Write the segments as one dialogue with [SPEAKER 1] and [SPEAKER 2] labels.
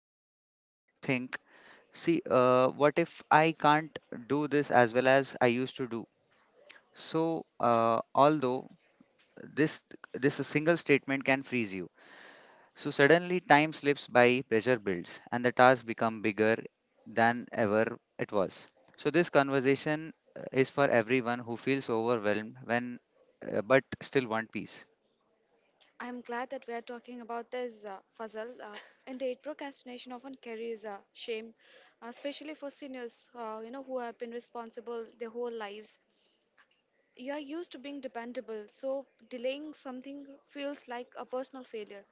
[SPEAKER 1] balance. So you think, see, what if I can't do this as well as I used to do? So although this this single statement can freeze you. So suddenly time slips by, pressure builds, and the task become bigger than ever it was. So this conversation is for everyone who feels overwhelmed when but still want peace.
[SPEAKER 2] I am glad that we are talking about this, Fazil. Indeed, procrastination often carries shame, especially for seniors, who have been responsible their whole lives. You are used to being dependable, so delaying something feels like a personal failure,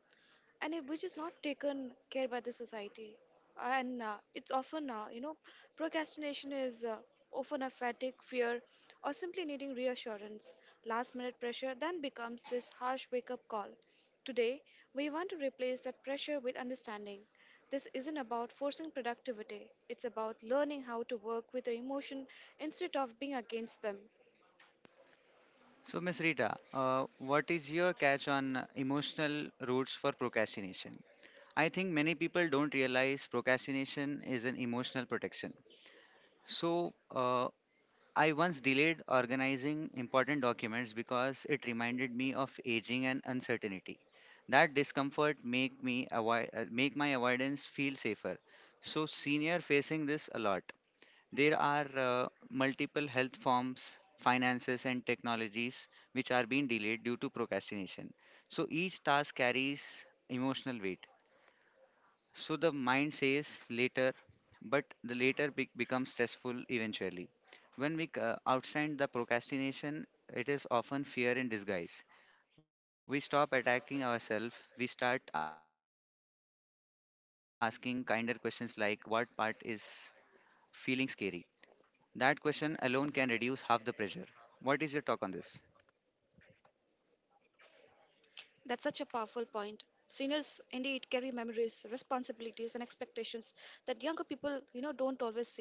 [SPEAKER 2] and it, which is not taken care by the society. And it's often, procrastination is often a fatigue, fear, or simply needing reassurance. Last minute pressure then becomes this harsh wake up call. Today, we want to replace that pressure with understanding. This isn't about forcing productivity, it's about learning how to work with the emotion instead of being against them.
[SPEAKER 1] So, Miss Rita, what is your catch on emotional roots for procrastination? I think many people don't realize procrastination is an emotional protection. So, I once delayed organizing important documents because it reminded me of aging and uncertainty. That discomfort make my avoidance feel safer. So, senior facing this a lot. There are multiple health forms, finances, and technologies which are being delayed due to procrastination. So each task carries emotional weight. So the mind says later, but the later becomes stressful eventually. When we outstand the procrastination, it is often fear in disguise. We stop attacking ourselves. We start asking kinder questions like, what part is feeling scary? That question alone can reduce half the pressure. What is your talk on this?
[SPEAKER 2] That's such a powerful point. Seniors indeed carry memories, responsibilities, and expectations that younger people, you know, don't always see.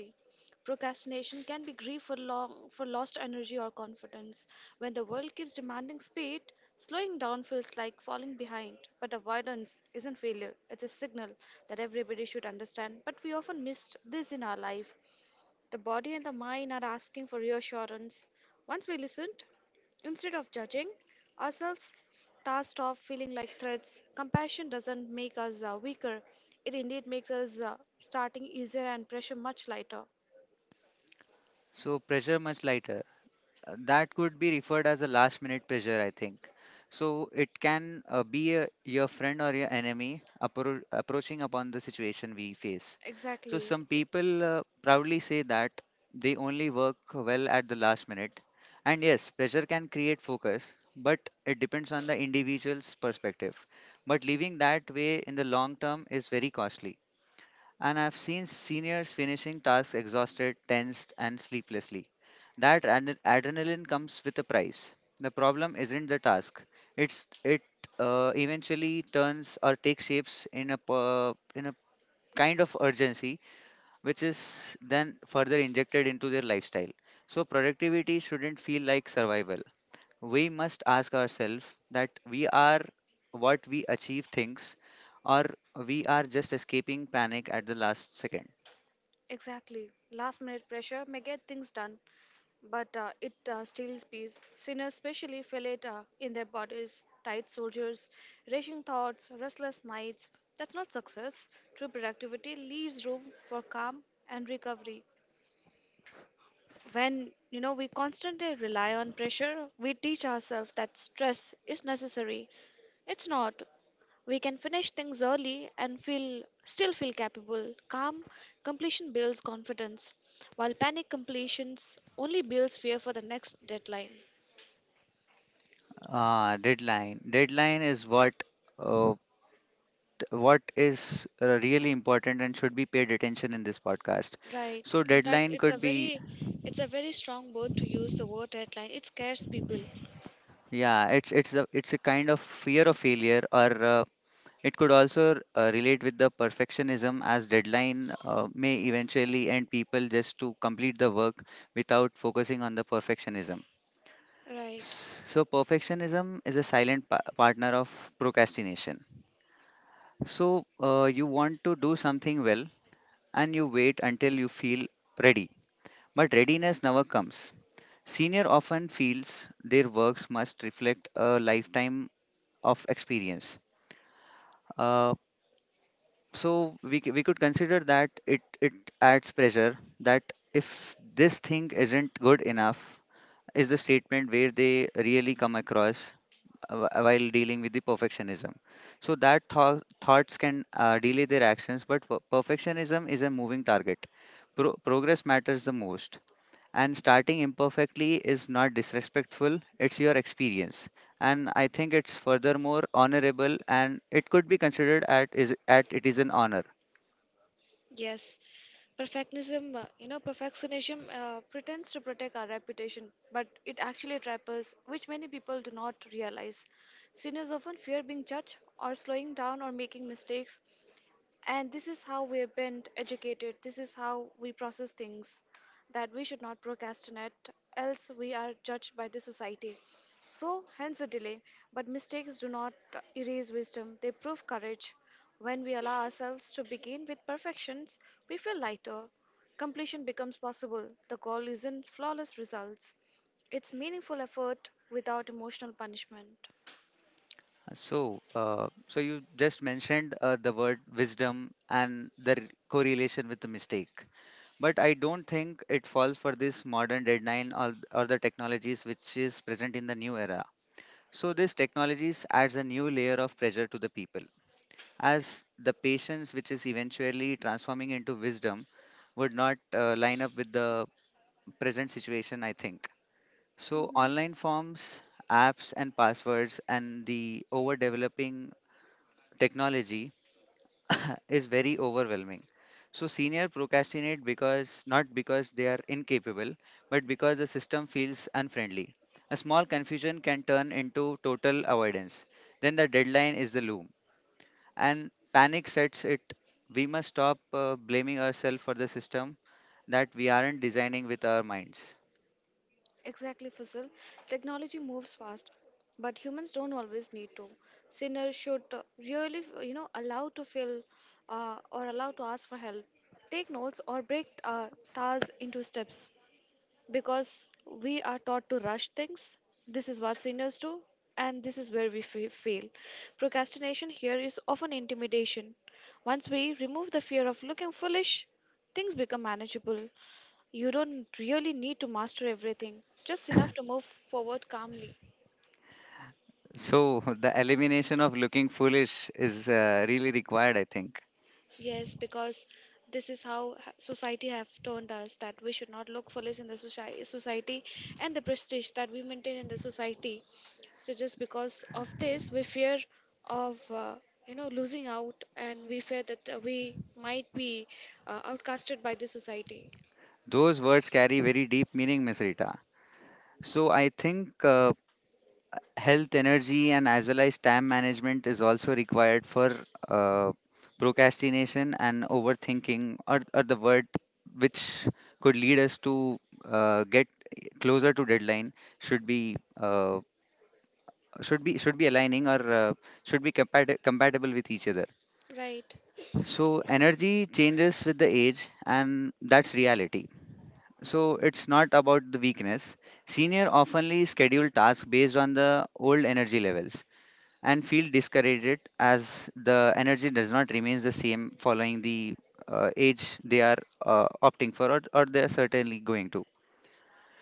[SPEAKER 2] Procrastination can be grief for long for lost energy or confidence. When the world keeps demanding speed, slowing down feels like falling behind. But avoidance isn't failure; it's a signal that everybody should understand. But we often miss this in our life. The body and the mind are asking for reassurance. Once we listened, instead of judging ourselves, tasked of feeling like threats, compassion doesn't make us weaker. It indeed makes us starting easier and pressure much lighter.
[SPEAKER 1] So, pressure much lighter. That could be referred as a last minute pressure, I think. So, it can be your friend or your enemy approaching upon the situation we face. So,
[SPEAKER 2] Exactly.
[SPEAKER 1] some people proudly say that they only work well at the last minute. And yes, pressure can create focus, but it depends on the individual's perspective. But living that way in the long term is very costly. And I've seen seniors finishing tasks exhausted, tensed, and sleeplessly. That adrenaline comes with a price. The problem isn't the task; it's it eventually turns or takes shapes in a in a kind of urgency, which is then further injected into their lifestyle. So productivity shouldn't feel like survival. We must ask ourselves that we are what we achieve things, or we are just escaping panic at the last second.
[SPEAKER 2] Exactly. Last minute pressure may get things done, but it steals peace. Sinners especially feel it in their bodies. Tight soldiers, racing thoughts, restless nights. That's not success. True productivity leaves room for calm and recovery. When you know, we constantly rely on pressure, we teach ourselves that stress is necessary. It's not. We can finish things early and feel still feel capable, calm. Completion builds confidence, while panic completions only builds fear for the next deadline.
[SPEAKER 1] Ah, deadline. Deadline is what uh, what is really important and should be paid attention in this podcast.
[SPEAKER 2] Right,
[SPEAKER 1] So
[SPEAKER 2] in fact
[SPEAKER 1] deadline
[SPEAKER 2] it's a
[SPEAKER 1] could be,
[SPEAKER 2] very it's a very strong word to use, the word deadline. It scares people.
[SPEAKER 1] yeah, it's a kind of fear of failure, or it could also relate with the perfectionism, as deadline may eventually end people just to complete the work without focusing on the perfectionism.
[SPEAKER 2] Right.
[SPEAKER 1] So perfectionism is a silent pa partner of procrastination. So you want to do something well and you wait until you feel ready. But readiness never comes. Senior often feels their works must reflect a lifetime of experience. Uh, so we could consider that it adds pressure that if this thing isn't good enough is the statement where they really come across while dealing with the perfectionism. So that thoughts can delay their actions, but perfectionism is a moving target. Progress matters the most. And starting imperfectly is not disrespectful, it's your experience, and I think it's furthermore honorable, and it could be considered at is at it is an honor.
[SPEAKER 2] Yes, perfectionism, perfectionism pretends to protect our reputation, but it actually traps us, which many people do not realize. Sinners often fear being judged or slowing down or making mistakes, and this is how we've been educated. This is how we process things, that we should not procrastinate, else, we are judged by the society. So, hence the delay. But mistakes do not erase wisdom, they prove courage. When we allow ourselves to begin with perfections, we feel lighter. Completion becomes possible. The goal isn't flawless results, it's meaningful effort without emotional punishment.
[SPEAKER 1] So you just mentioned the word wisdom and the correlation with the mistake, but I don't think it falls for this modern deadline, or the technologies which is present in the new era. So these technologies adds a new layer of pressure to the people, as the patience which is eventually transforming into wisdom would not line up with the present situation, I think. So, online forms, apps, and passwords, and the overdeveloping technology is very overwhelming. So, senior procrastinate because not because they are incapable, but because the system feels unfriendly. A small confusion can turn into total avoidance. Then the deadline is the loom and panic sets it. We must stop blaming ourselves for the system that we aren't designing with our minds.
[SPEAKER 2] Exactly, Faisal. Technology moves fast, but humans don't always need to. Sinners should allow to feel or allow to ask for help. Take notes or break tasks into steps, because we are taught to rush things. This is what sinners do, and this is where we fail. Procrastination here is often intimidation. Once we remove the fear of looking foolish, things become manageable. You don't really need to master everything, just enough to move forward calmly.
[SPEAKER 1] So, the elimination of looking foolish is really required, I think.
[SPEAKER 2] Yes, because this is how society have turned us, that we should not look foolish in the society and the prestige that we maintain in the society. So just because of this, we fear of losing out, and we fear that we might be outcasted by the society.
[SPEAKER 1] Those words carry very deep meaning, Miss Rita. So, I think health, energy, and as well as time management is also required for uh, procrastination and overthinking, or the word which could lead us to get closer to deadline should be uh, should be aligning or should be compatible with each other.
[SPEAKER 2] Right.
[SPEAKER 1] So energy changes with the age, and that's reality. So it's not about the weakness. Senior oftenly schedule tasks based on the old energy levels and feel discouraged as the energy does not remains the same following the age they are opting for, or they are certainly going to.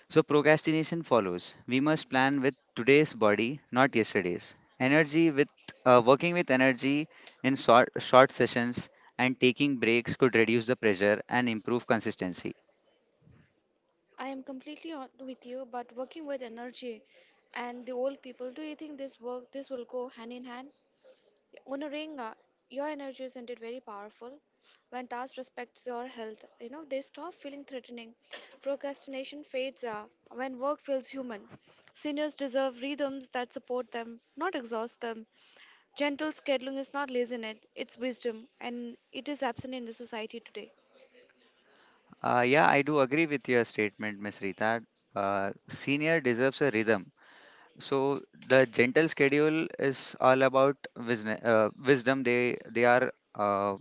[SPEAKER 1] So procrastination follows. We must plan with today's body, not yesterday's energy. With working with energy in short sessions and taking breaks could reduce the pressure and improve consistency.
[SPEAKER 2] I am completely on with you, but working with energy and the old people, do you think this will go hand in hand? Honoring your energy is indeed very powerful. When task respects your health, you know they stop feeling threatening. Procrastination fades when work feels human. Seniors deserve rhythms that support them, not exhaust them. Gentle scheduling is not laziness; it's wisdom, and it is absent in the society today.
[SPEAKER 1] Yeah, I do agree with your statement, Miss Rita. Senior deserves a rhythm. So the gentle schedule is all about wisdom. Wisdom they are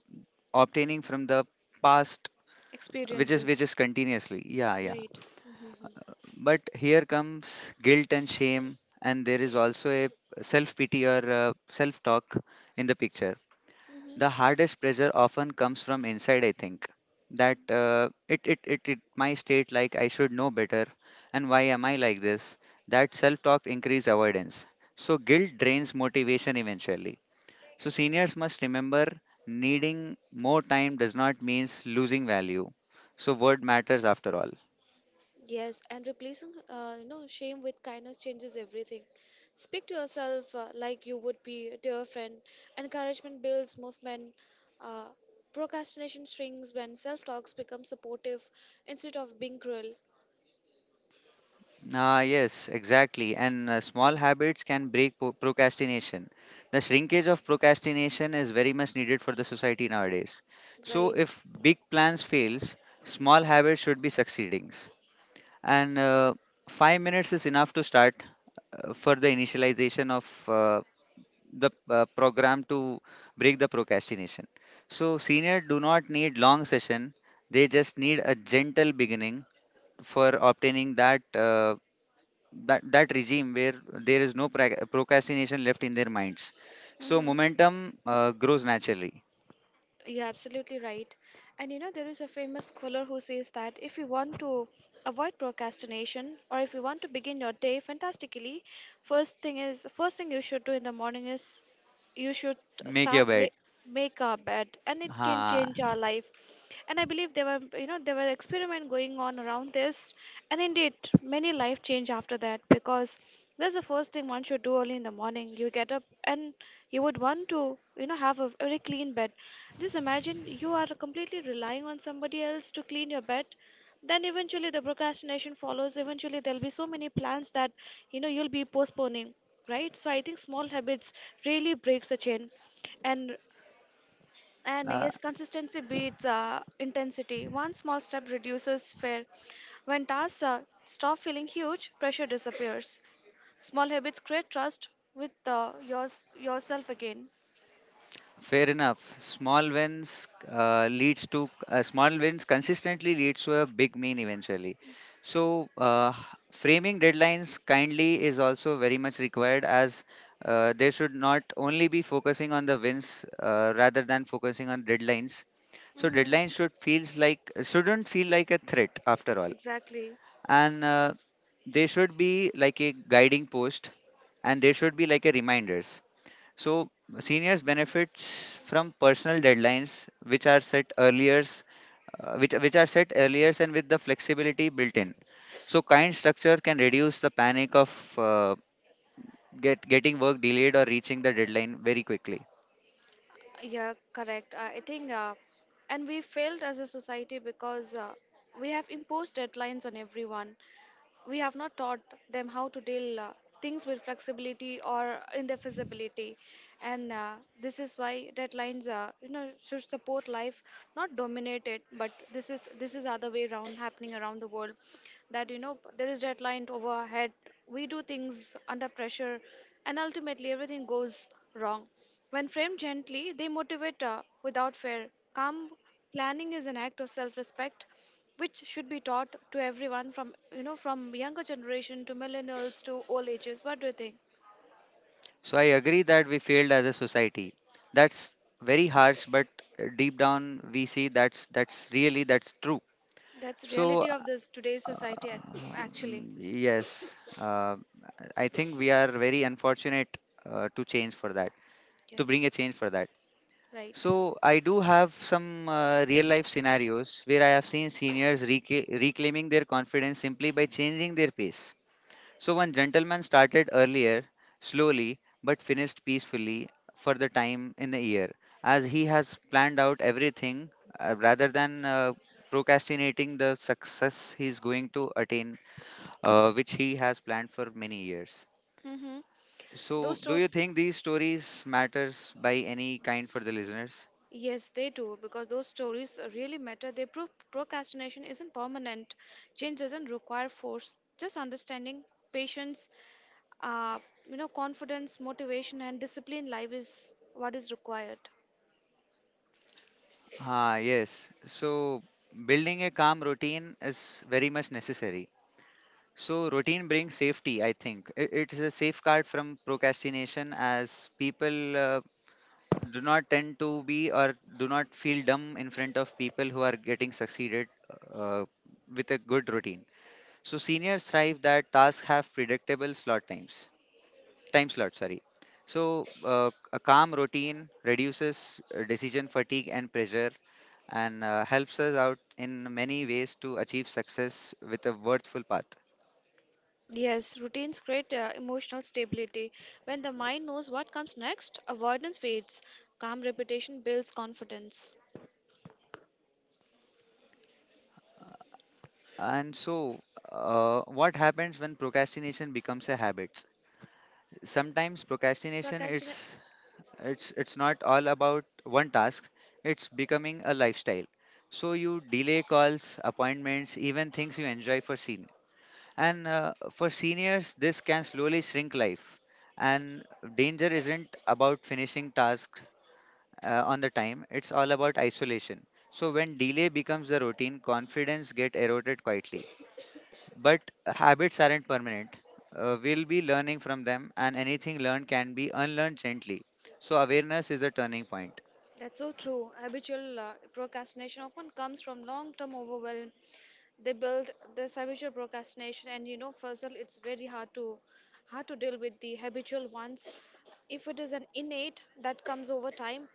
[SPEAKER 1] obtaining from the past, which is which
[SPEAKER 2] Experiences,
[SPEAKER 1] is continuously. Yeah, yeah.
[SPEAKER 2] right? Mhm.
[SPEAKER 1] But here comes guilt and shame, and there is also a self pity or self talk in the picture. The hardest pressure often comes from inside, I think. That it, it, it, it, My state, like I should know better, and why am I like this? That self talk increase avoidance. So, guilt drains motivation eventually. So, seniors must remember needing more time does not means losing value. So, word matters after all.
[SPEAKER 2] Yes, and replacing shame with kindness changes everything. Speak to yourself like you would be to a friend. Encouragement builds movement. Uh, procrastination shrinks when self-talks become supportive instead of being cruel.
[SPEAKER 1] Ah, yes, exactly. And small habits can break procrastination. The shrinkage of procrastination is very much needed for the society nowadays. So
[SPEAKER 2] Right.
[SPEAKER 1] if big plans fails, small habits should be succeeding. And 5 minutes is enough to start for the initialization of the program to break the procrastination. So senior do not need long session. They just need a gentle beginning for obtaining that. That regime where there is no procrastination left in their minds. So
[SPEAKER 2] Mm-hmm.
[SPEAKER 1] momentum grows naturally.
[SPEAKER 2] You're absolutely right. And you know, there is a famous scholar who says that if you want to avoid procrastination or if you want to begin your day fantastically, first thing you should do in the morning is you should
[SPEAKER 1] Make
[SPEAKER 2] start
[SPEAKER 1] your
[SPEAKER 2] wa-
[SPEAKER 1] bed.
[SPEAKER 2] make our bed, and it can
[SPEAKER 1] Ha!
[SPEAKER 2] change our life. And I believe there were experiment going on around this, and indeed many life change after that, because that's the first thing one should do early in the morning. You get up and you would want to, you know, have a very clean bed. Just imagine you are completely relying on somebody else to clean your bed. Then eventually the procrastination follows. Eventually there'll be so many plans that you know you'll be postponing, right? So I think small habits really breaks the chain, and
[SPEAKER 1] uh,
[SPEAKER 2] yes, consistency beats intensity. One small step reduces fear. When tasks stop feeling huge, pressure disappears. Small habits create trust with yourself again.
[SPEAKER 1] Fair enough. Small wins consistently leads to a big mean eventually. So framing deadlines kindly is also very much required, as they should not only be focusing on the wins rather than focusing on deadlines. So
[SPEAKER 2] Hmm.
[SPEAKER 1] deadlines shouldn't feel like a threat after all,
[SPEAKER 2] Exactly.
[SPEAKER 1] and they should be like a guiding post, and they should be like a reminders. So seniors benefits from personal deadlines which are set earlier, which are set earlier and with the flexibility built in. So kind structure can reduce the panic of uh, getting work delayed or reaching the deadline very quickly.
[SPEAKER 2] Yeah, correct. I think and we failed as a society, because we have imposed deadlines on everyone. We have not taught them how to deal things with flexibility or in their feasibility, and this is why deadlines, should support life, not dominate it. But this is other way around happening around the world, that you know there is deadline overhead. We do things under pressure, and ultimately everything goes wrong. When framed gently, they motivate without fear. Calm planning is an act of self-respect, which should be taught to everyone, from you know from younger generation to millennials to old ages. What do you think?
[SPEAKER 1] So I agree that we failed as a society. That's very harsh, but deep down we see that's really that's true.
[SPEAKER 2] That's
[SPEAKER 1] So
[SPEAKER 2] reality of this today's society, actually.
[SPEAKER 1] yes, I think we are very unfortunate to change for that, to
[SPEAKER 2] Yes,
[SPEAKER 1] bring a change for that.
[SPEAKER 2] right.
[SPEAKER 1] So I do have some real life scenarios where I have seen seniors reclaiming their confidence simply by changing their pace. So one gentleman started earlier, slowly, but finished peacefully for the time in the year, as he has planned out everything rather than procrastinating the success he is going to attain, which he has planned for many years.
[SPEAKER 2] Mm-hmm.
[SPEAKER 1] So,
[SPEAKER 2] Those
[SPEAKER 1] do
[SPEAKER 2] stories,
[SPEAKER 1] you think these stories matters by any kind for the listeners?
[SPEAKER 2] yes, they do, because those stories really matter. They prove procrastination isn't permanent, change doesn't require force, just understanding, patience, uh, you know, confidence, motivation, and discipline life is what is required.
[SPEAKER 1] Ah, yes. So, building a calm routine is very much necessary. So routine brings safety, I think. It is a safeguard from procrastination as people do not tend to be or do not feel dumb in front of people who are getting succeeded uh, with a good routine. So seniors thrive that tasks have predictable slot times, time slot, sorry. So a calm routine reduces decision fatigue and pressure and helps us out in many ways to achieve success with a worthful path.
[SPEAKER 2] Yes, routines create emotional stability. When the mind knows what comes next, avoidance fades. Calm repetition builds confidence.
[SPEAKER 1] And so, what happens when procrastination becomes a habit? Sometimes procrastination
[SPEAKER 2] Procrastination
[SPEAKER 1] it's not all about one task. It's becoming a lifestyle. So you delay calls, appointments, even things you enjoy for seniors. And for seniors, this can slowly shrink life. And danger isn't about finishing tasks on the time. It's all about isolation. So when delay becomes the routine, confidence get eroded quietly. But habits aren't permanent. We'll be learning from them, and anything learned can be unlearned gently. So, awareness is a turning point.
[SPEAKER 2] That's so true. Habitual procrastination often comes from long term overwhelm. They build this habitual procrastination, and you know, Fazal, it's very hard to deal with the habitual ones. If it is an innate that comes over time,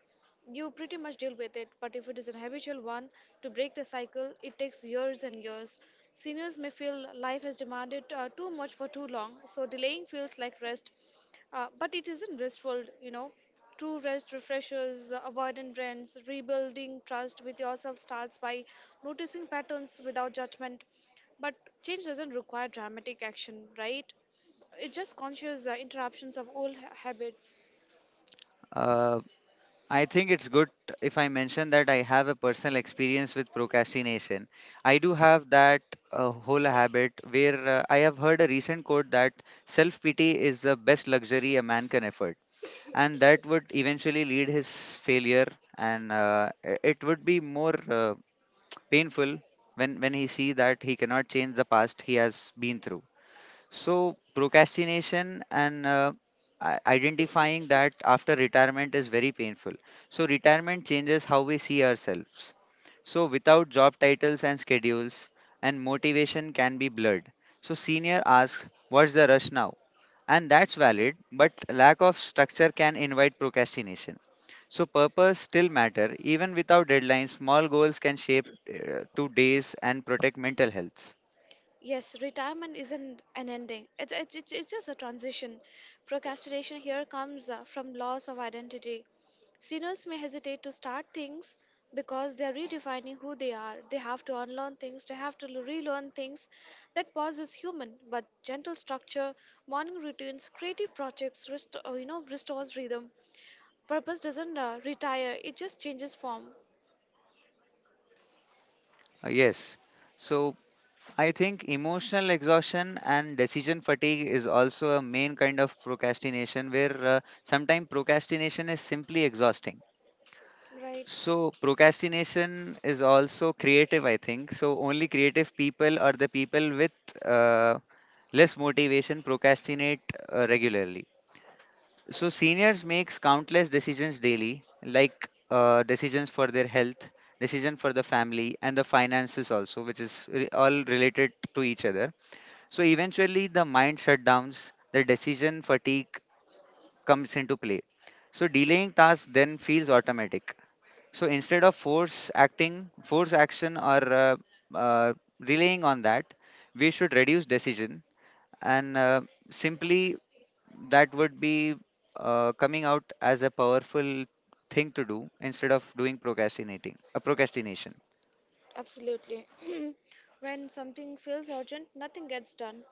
[SPEAKER 2] you pretty much deal with it, but if it is an habitual one, to break the cycle it takes years and years. Seniors may feel life has demanded too much for too long, so delaying feels like rest, but it isn't restful, you know. True rest refreshes, avoidant rents, rebuilding trust with yourself starts by noticing patterns without judgment. But change doesn't require dramatic action, right? It's just conscious interruptions of habits.
[SPEAKER 1] Uh, I think it's good if I mention that I have a personal experience with procrastination. I do have that whole habit where I have heard a recent quote that self pity is the best luxury a man can afford. And that would eventually lead his failure, and it would be more. Painful when he see that he cannot change the past he has been through. So procrastination and identifying that after retirement is very painful. So retirement changes how we see ourselves. So without job titles and schedules and motivation can be blurred. So senior asks what's the rush now, and that's valid. But lack of structure can invite procrastination. So purpose still matter even without deadlines. Small goals can shape to days and protect mental health.
[SPEAKER 2] Yes, retirement isn't an ending. It's just a transition. Procrastination here comes from loss of identity. Seniors may hesitate to start things because they are redefining who they are. They have to unlearn things, they have to relearn things. That pause is human, but gentle structure, morning routines, creative projects, rest, restores rhythm. Purpose doesn't retire, it just changes form,
[SPEAKER 1] Yes. So I think emotional exhaustion and decision fatigue is also a main kind of procrastination where sometimes procrastination is simply exhausting.
[SPEAKER 2] right?
[SPEAKER 1] So procrastination is also creative, I think. So only creative people or the people with uh, less motivation procrastinate regularly. So seniors makes countless decisions daily, like decisions for their health, decision for the family, and the finances also, which is all related to each other. So eventually, the mind shutdowns, the decision fatigue comes into play. So delaying tasks then feels automatic. So instead of force acting, force action, or uh, relying on that, we should reduce decision and simply that would be coming out as a powerful thing to do instead of doing procrastinating a procrastination.
[SPEAKER 2] Absolutely. When something feels urgent, nothing gets done.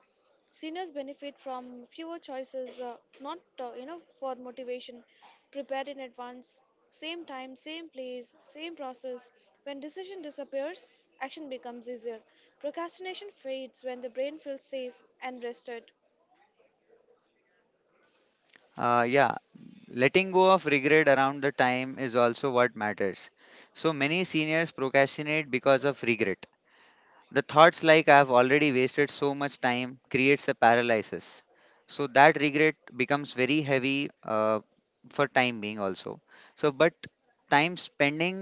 [SPEAKER 2] Seniors benefit from fewer choices, not for motivation. Prepared in advance, same time, same place, same process. When decision disappears, action becomes easier. Procrastination fades when the brain feels safe and rested.
[SPEAKER 1] Yeah, letting go of regret around the time is also what matters. So many seniors procrastinate because of regret. The thoughts like I've already wasted so much time creates a paralysis. So that regret becomes very heavy for time being also. So but time spending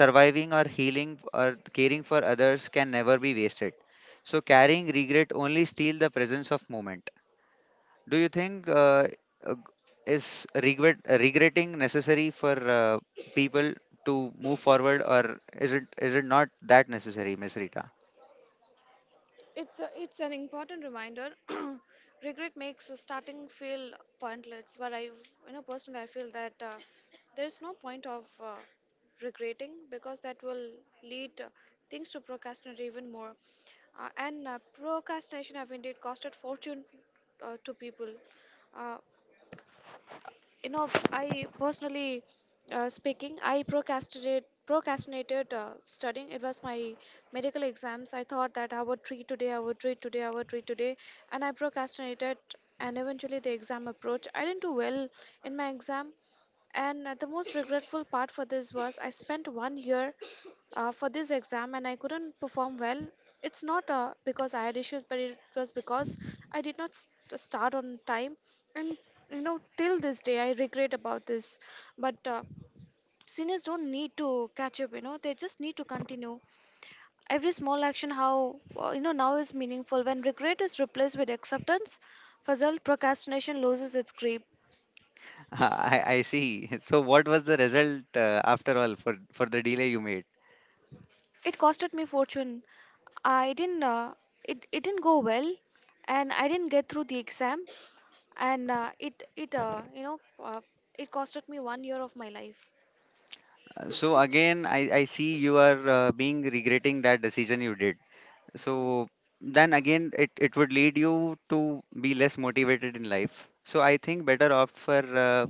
[SPEAKER 1] surviving or healing or caring for others can never be wasted. So carrying regret only steal the presence of moment. Do you think uh, is regret regretting necessary for uh, people to move forward, or is it not that necessary, Miss Rita?
[SPEAKER 2] It's a, it's an important reminder. Regret makes starting feel pointless, but I, you know, personally, I feel that there's no point of regretting, because that will lead things to procrastinate even more. And procrastination have indeed costed fortune to people. Uh, you know, I personally speaking, I procrastinated studying. It was my medical exams. I thought that I would read today, and I procrastinated. And eventually the exam approached. I didn't do well in my exam. And the most regretful part for this was I spent 1 year for this exam and I couldn't perform well. It's not because I had issues, but it was because I did not start on time. And you know, till this day, I regret about this. But seniors don't need to catch up. You know, they just need to continue. Every small action, how now is meaningful when regret is replaced with acceptance. Fuzzle procrastination loses its grip.
[SPEAKER 1] I see. So what was the result after all for the delay you made?
[SPEAKER 2] It costed me fortune. I didn't. It didn't go well, and I didn't get through the exam, and it it you know uh, it costed me 1 year of my life.
[SPEAKER 1] So again, I see you are being regretting that decision you did. So then again, it would lead you to be less motivated in life. So I think better opt for uh,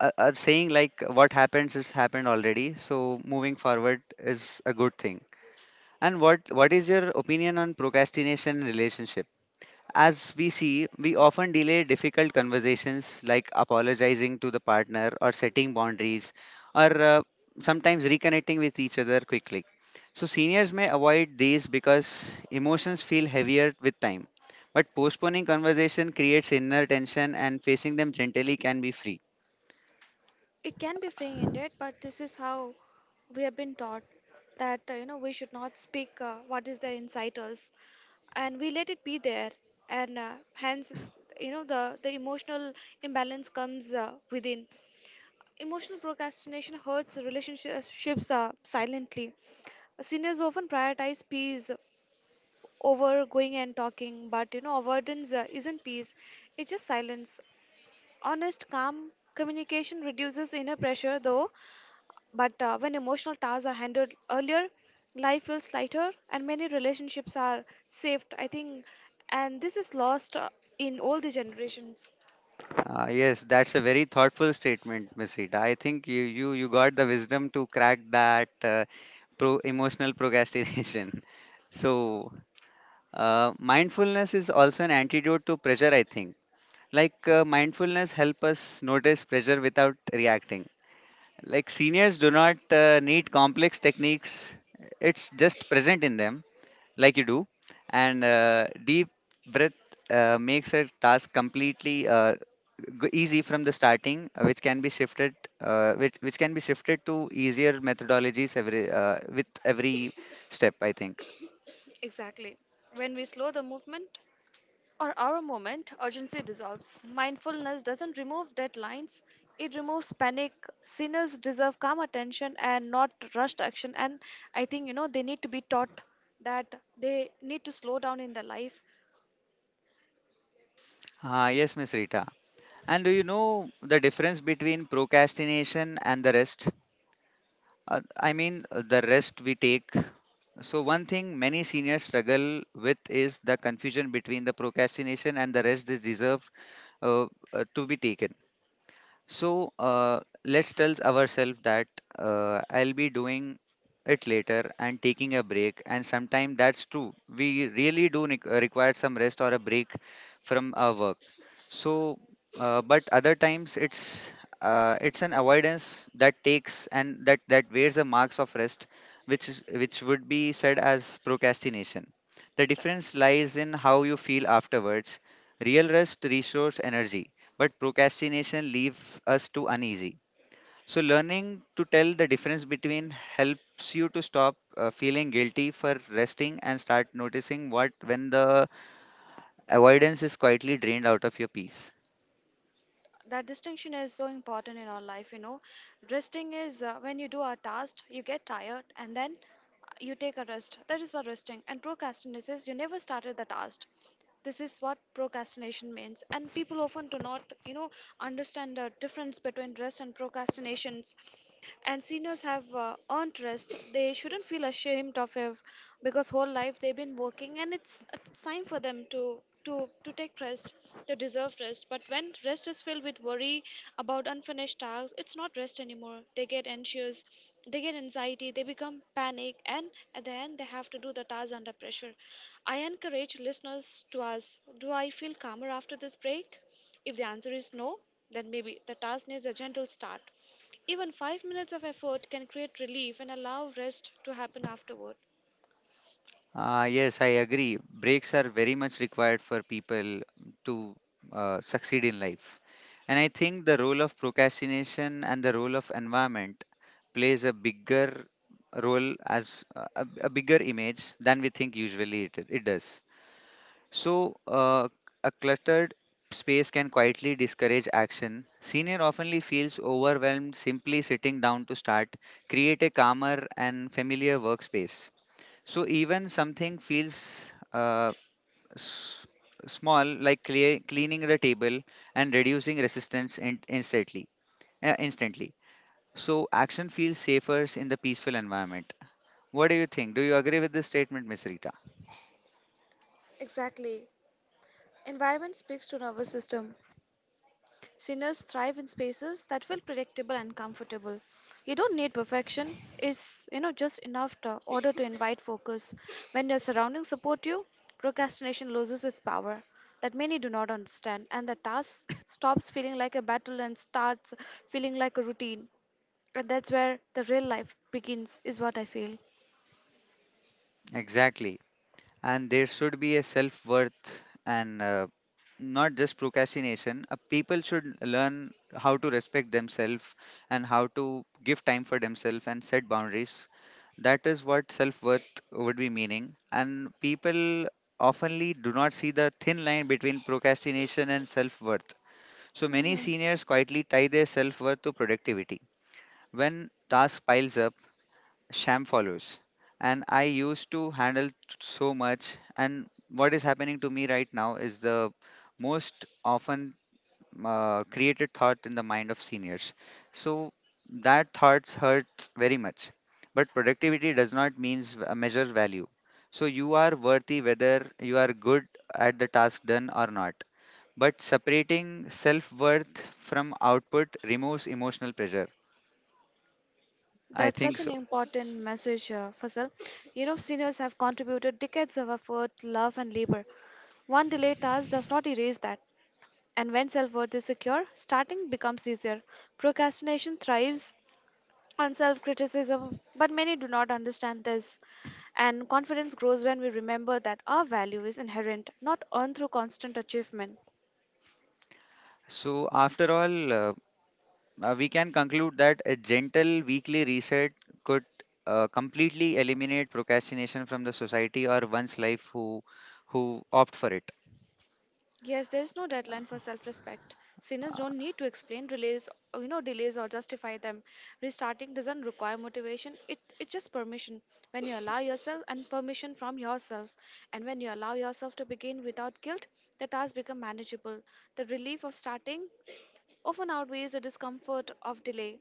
[SPEAKER 1] a saying like what happens is happened already. So moving forward is a good thing. And what is your opinion on procrastination in relationship? As we see, we often delay difficult conversations like apologizing to the partner or setting boundaries, or sometimes reconnecting with each other quickly. So, seniors may avoid these because emotions feel heavier with time. But postponing conversation creates inner tension, and facing them gently can be free.
[SPEAKER 2] It can be free ended, but this is how we have been taught that we should not speak what is there inside us, and we let it be there, and hence the emotional imbalance comes within. Emotional procrastination hurts relationships silently. Seniors often prioritize peace over going and talking, but you know avoidance isn't peace; it's just silence. Honest, calm communication reduces inner pressure, though but when emotional tasks are handled earlier, life feels lighter and many relationships are saved, I think. And this is lost in all the generations.
[SPEAKER 1] Yes, that's a very thoughtful statement, Ms. Rita. I think you got the wisdom to crack that emotional procrastination. So, mindfulness is also an antidote to pressure, I think. Like mindfulness help us notice pressure without reacting. Like seniors do not need complex techniques; it's just present in them, like you do. And deep breath makes a task completely easy from the starting, which can be shifted, which can be shifted to easier methodologies every with every step, I think.
[SPEAKER 2] Exactly. When we slow the movement or our moment, urgency dissolves. Mindfulness doesn't remove deadlines, it removes panic. Sinners deserve calm attention and not rushed action. And I think, you know, they need to be taught that they need to slow down in their life.
[SPEAKER 1] Ah yes, Miss Rita. And do you know the difference between procrastination and the rest? I mean, the rest we take. So, one thing many seniors struggle with is the confusion between the procrastination and the rest is reserved uh, to be taken. So let's tell ourselves that I'll be doing it later and taking a break. And sometimes that's true. We really do require some rest or a break from our work. So, but other times it's an avoidance that takes, and that wears the marks of rest, which would be said as procrastination. The difference lies in how you feel afterwards. Real rest restores energy, but procrastination leaves us too uneasy. So, learning to tell the difference between helps you to stop feeling guilty for resting and start noticing what when the avoidance is quietly drained out of your peace.
[SPEAKER 2] That distinction is so important in our life, you know. Resting is when you do a task, you get tired and then you take a rest. That is what resting. And procrastination is you never started the task. This is what procrastination means, and people often do not understand the difference between rest and procrastinations. And seniors have earned rest. They shouldn't feel ashamed of it because whole life they've been working, and it's time for them to to take rest, to deserve rest. But when rest is filled with worry about unfinished tasks, it's not rest anymore. They get anxious, they get anxiety, they become panic, and at the end they have to do the task under pressure. I encourage listeners to ask, do I feel calmer after this break? If the answer is no, then maybe the task needs a gentle start. Even 5 minutes of effort can create relief and allow rest to happen afterward.
[SPEAKER 1] Ah, yes, I agree. Breaks are very much required for people to succeed in life. And I think the role of procrastination and the role of environment plays a bigger role as a bigger image than we think usually it does. So, a cluttered space can quietly discourage action. Senior oftenly feels overwhelmed simply sitting down to start, create a calmer and familiar workspace. So, even something feels s- small like cleaning the table and reducing resistance instantly. So, action feels safer in the peaceful environment. What do you think? Do you agree with this statement, Miss Rita?
[SPEAKER 2] Exactly. Environment speaks to nervous system. Sinners thrive in spaces that feel predictable and comfortable. You don't need perfection. It's, you know, just enough to order to invite focus. When your surroundings support you, procrastination loses its power that many do not understand, and the task stops feeling like a battle and starts feeling like a routine. And that's where the real life begins, is what I feel.
[SPEAKER 1] Exactly. And there should be a self worth, and not just procrastination. People should learn how to respect themselves and how to give time for themselves and set boundaries. That is what self worth would be meaning. And people oftenly do not see the thin line between procrastination and self worth. So many
[SPEAKER 2] Hmm.
[SPEAKER 1] seniors quietly tie their self worth to productivity. When task piles up, sham follows. And I used to handle so much. And what is happening to me right now is the most often created thought in the mind of seniors. So that thoughts hurts very much. But productivity does not means measure value. So you are worthy whether you are good at the task done or not. But separating self worth from output removes emotional pressure. I
[SPEAKER 2] That's such
[SPEAKER 1] think
[SPEAKER 2] an
[SPEAKER 1] so.
[SPEAKER 2] important message, Faisal. You know, seniors have contributed decades of effort, love, and labor. One delayed task does not erase that. And when self worth is secure, starting becomes easier. Procrastination thrives on self criticism, but many do not understand this. And confidence grows when we remember that our value is inherent, not earned through constant achievement.
[SPEAKER 1] So after all, we can conclude that a gentle weekly reset could completely eliminate procrastination from the society or one's life who opt for it.
[SPEAKER 2] Yes, there is no deadline for self-respect. Sinners don't need to explain delays, delays or justify them. Restarting doesn't require motivation. It's just permission. When you allow yourself and permission from yourself, and when you allow yourself to begin without guilt, the task become manageable. The relief of starting often outweighs the discomfort of delay.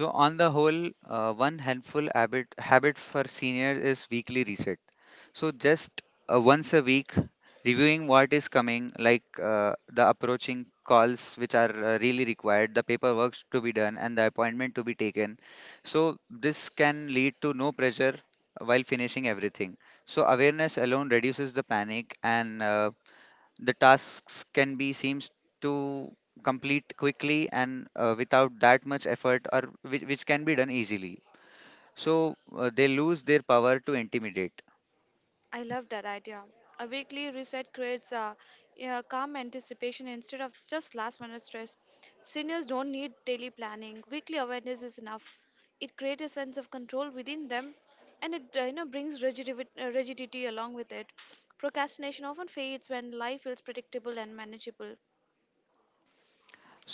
[SPEAKER 1] So on the whole, one handful habit for seniors is weekly reset. So just once a week, reviewing what is coming, like the approaching calls which are really required, the paperwork to be done, and the appointment to be taken. So this can lead to no pressure while finishing everything. So awareness alone reduces the panic, and the tasks can be seems to complete quickly and without that much effort, or which can be done easily. So they lose their power to intimidate.
[SPEAKER 2] I love that idea. A weekly reset creates a, yeah, calm anticipation instead of just last minute stress. Seniors don't need daily planning. Weekly awareness is enough. It creates a sense of control within them, and it brings rigidity, rigidity along with it. Procrastination often fades when life feels predictable and manageable.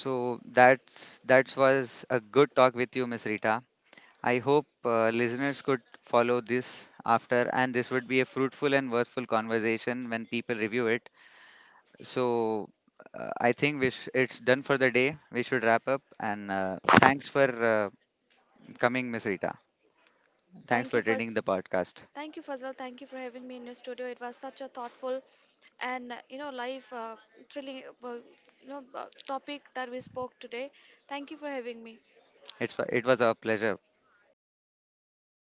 [SPEAKER 1] So that was a good talk with you, Miss Rita. I hope listeners could follow this after, and this would be a fruitful and worthful conversation when people review it. So I think it's done for the day. We should wrap up, and thanks for uh, coming, Miss Rita. Thanks
[SPEAKER 2] Thank
[SPEAKER 1] for
[SPEAKER 2] you for
[SPEAKER 1] attending the podcast.
[SPEAKER 2] Thank you, Fazal. Thank you for having me in your studio. It was such a thoughtful and life thrilling topic that we spoke today. Thank you for having me.
[SPEAKER 1] It was our pleasure.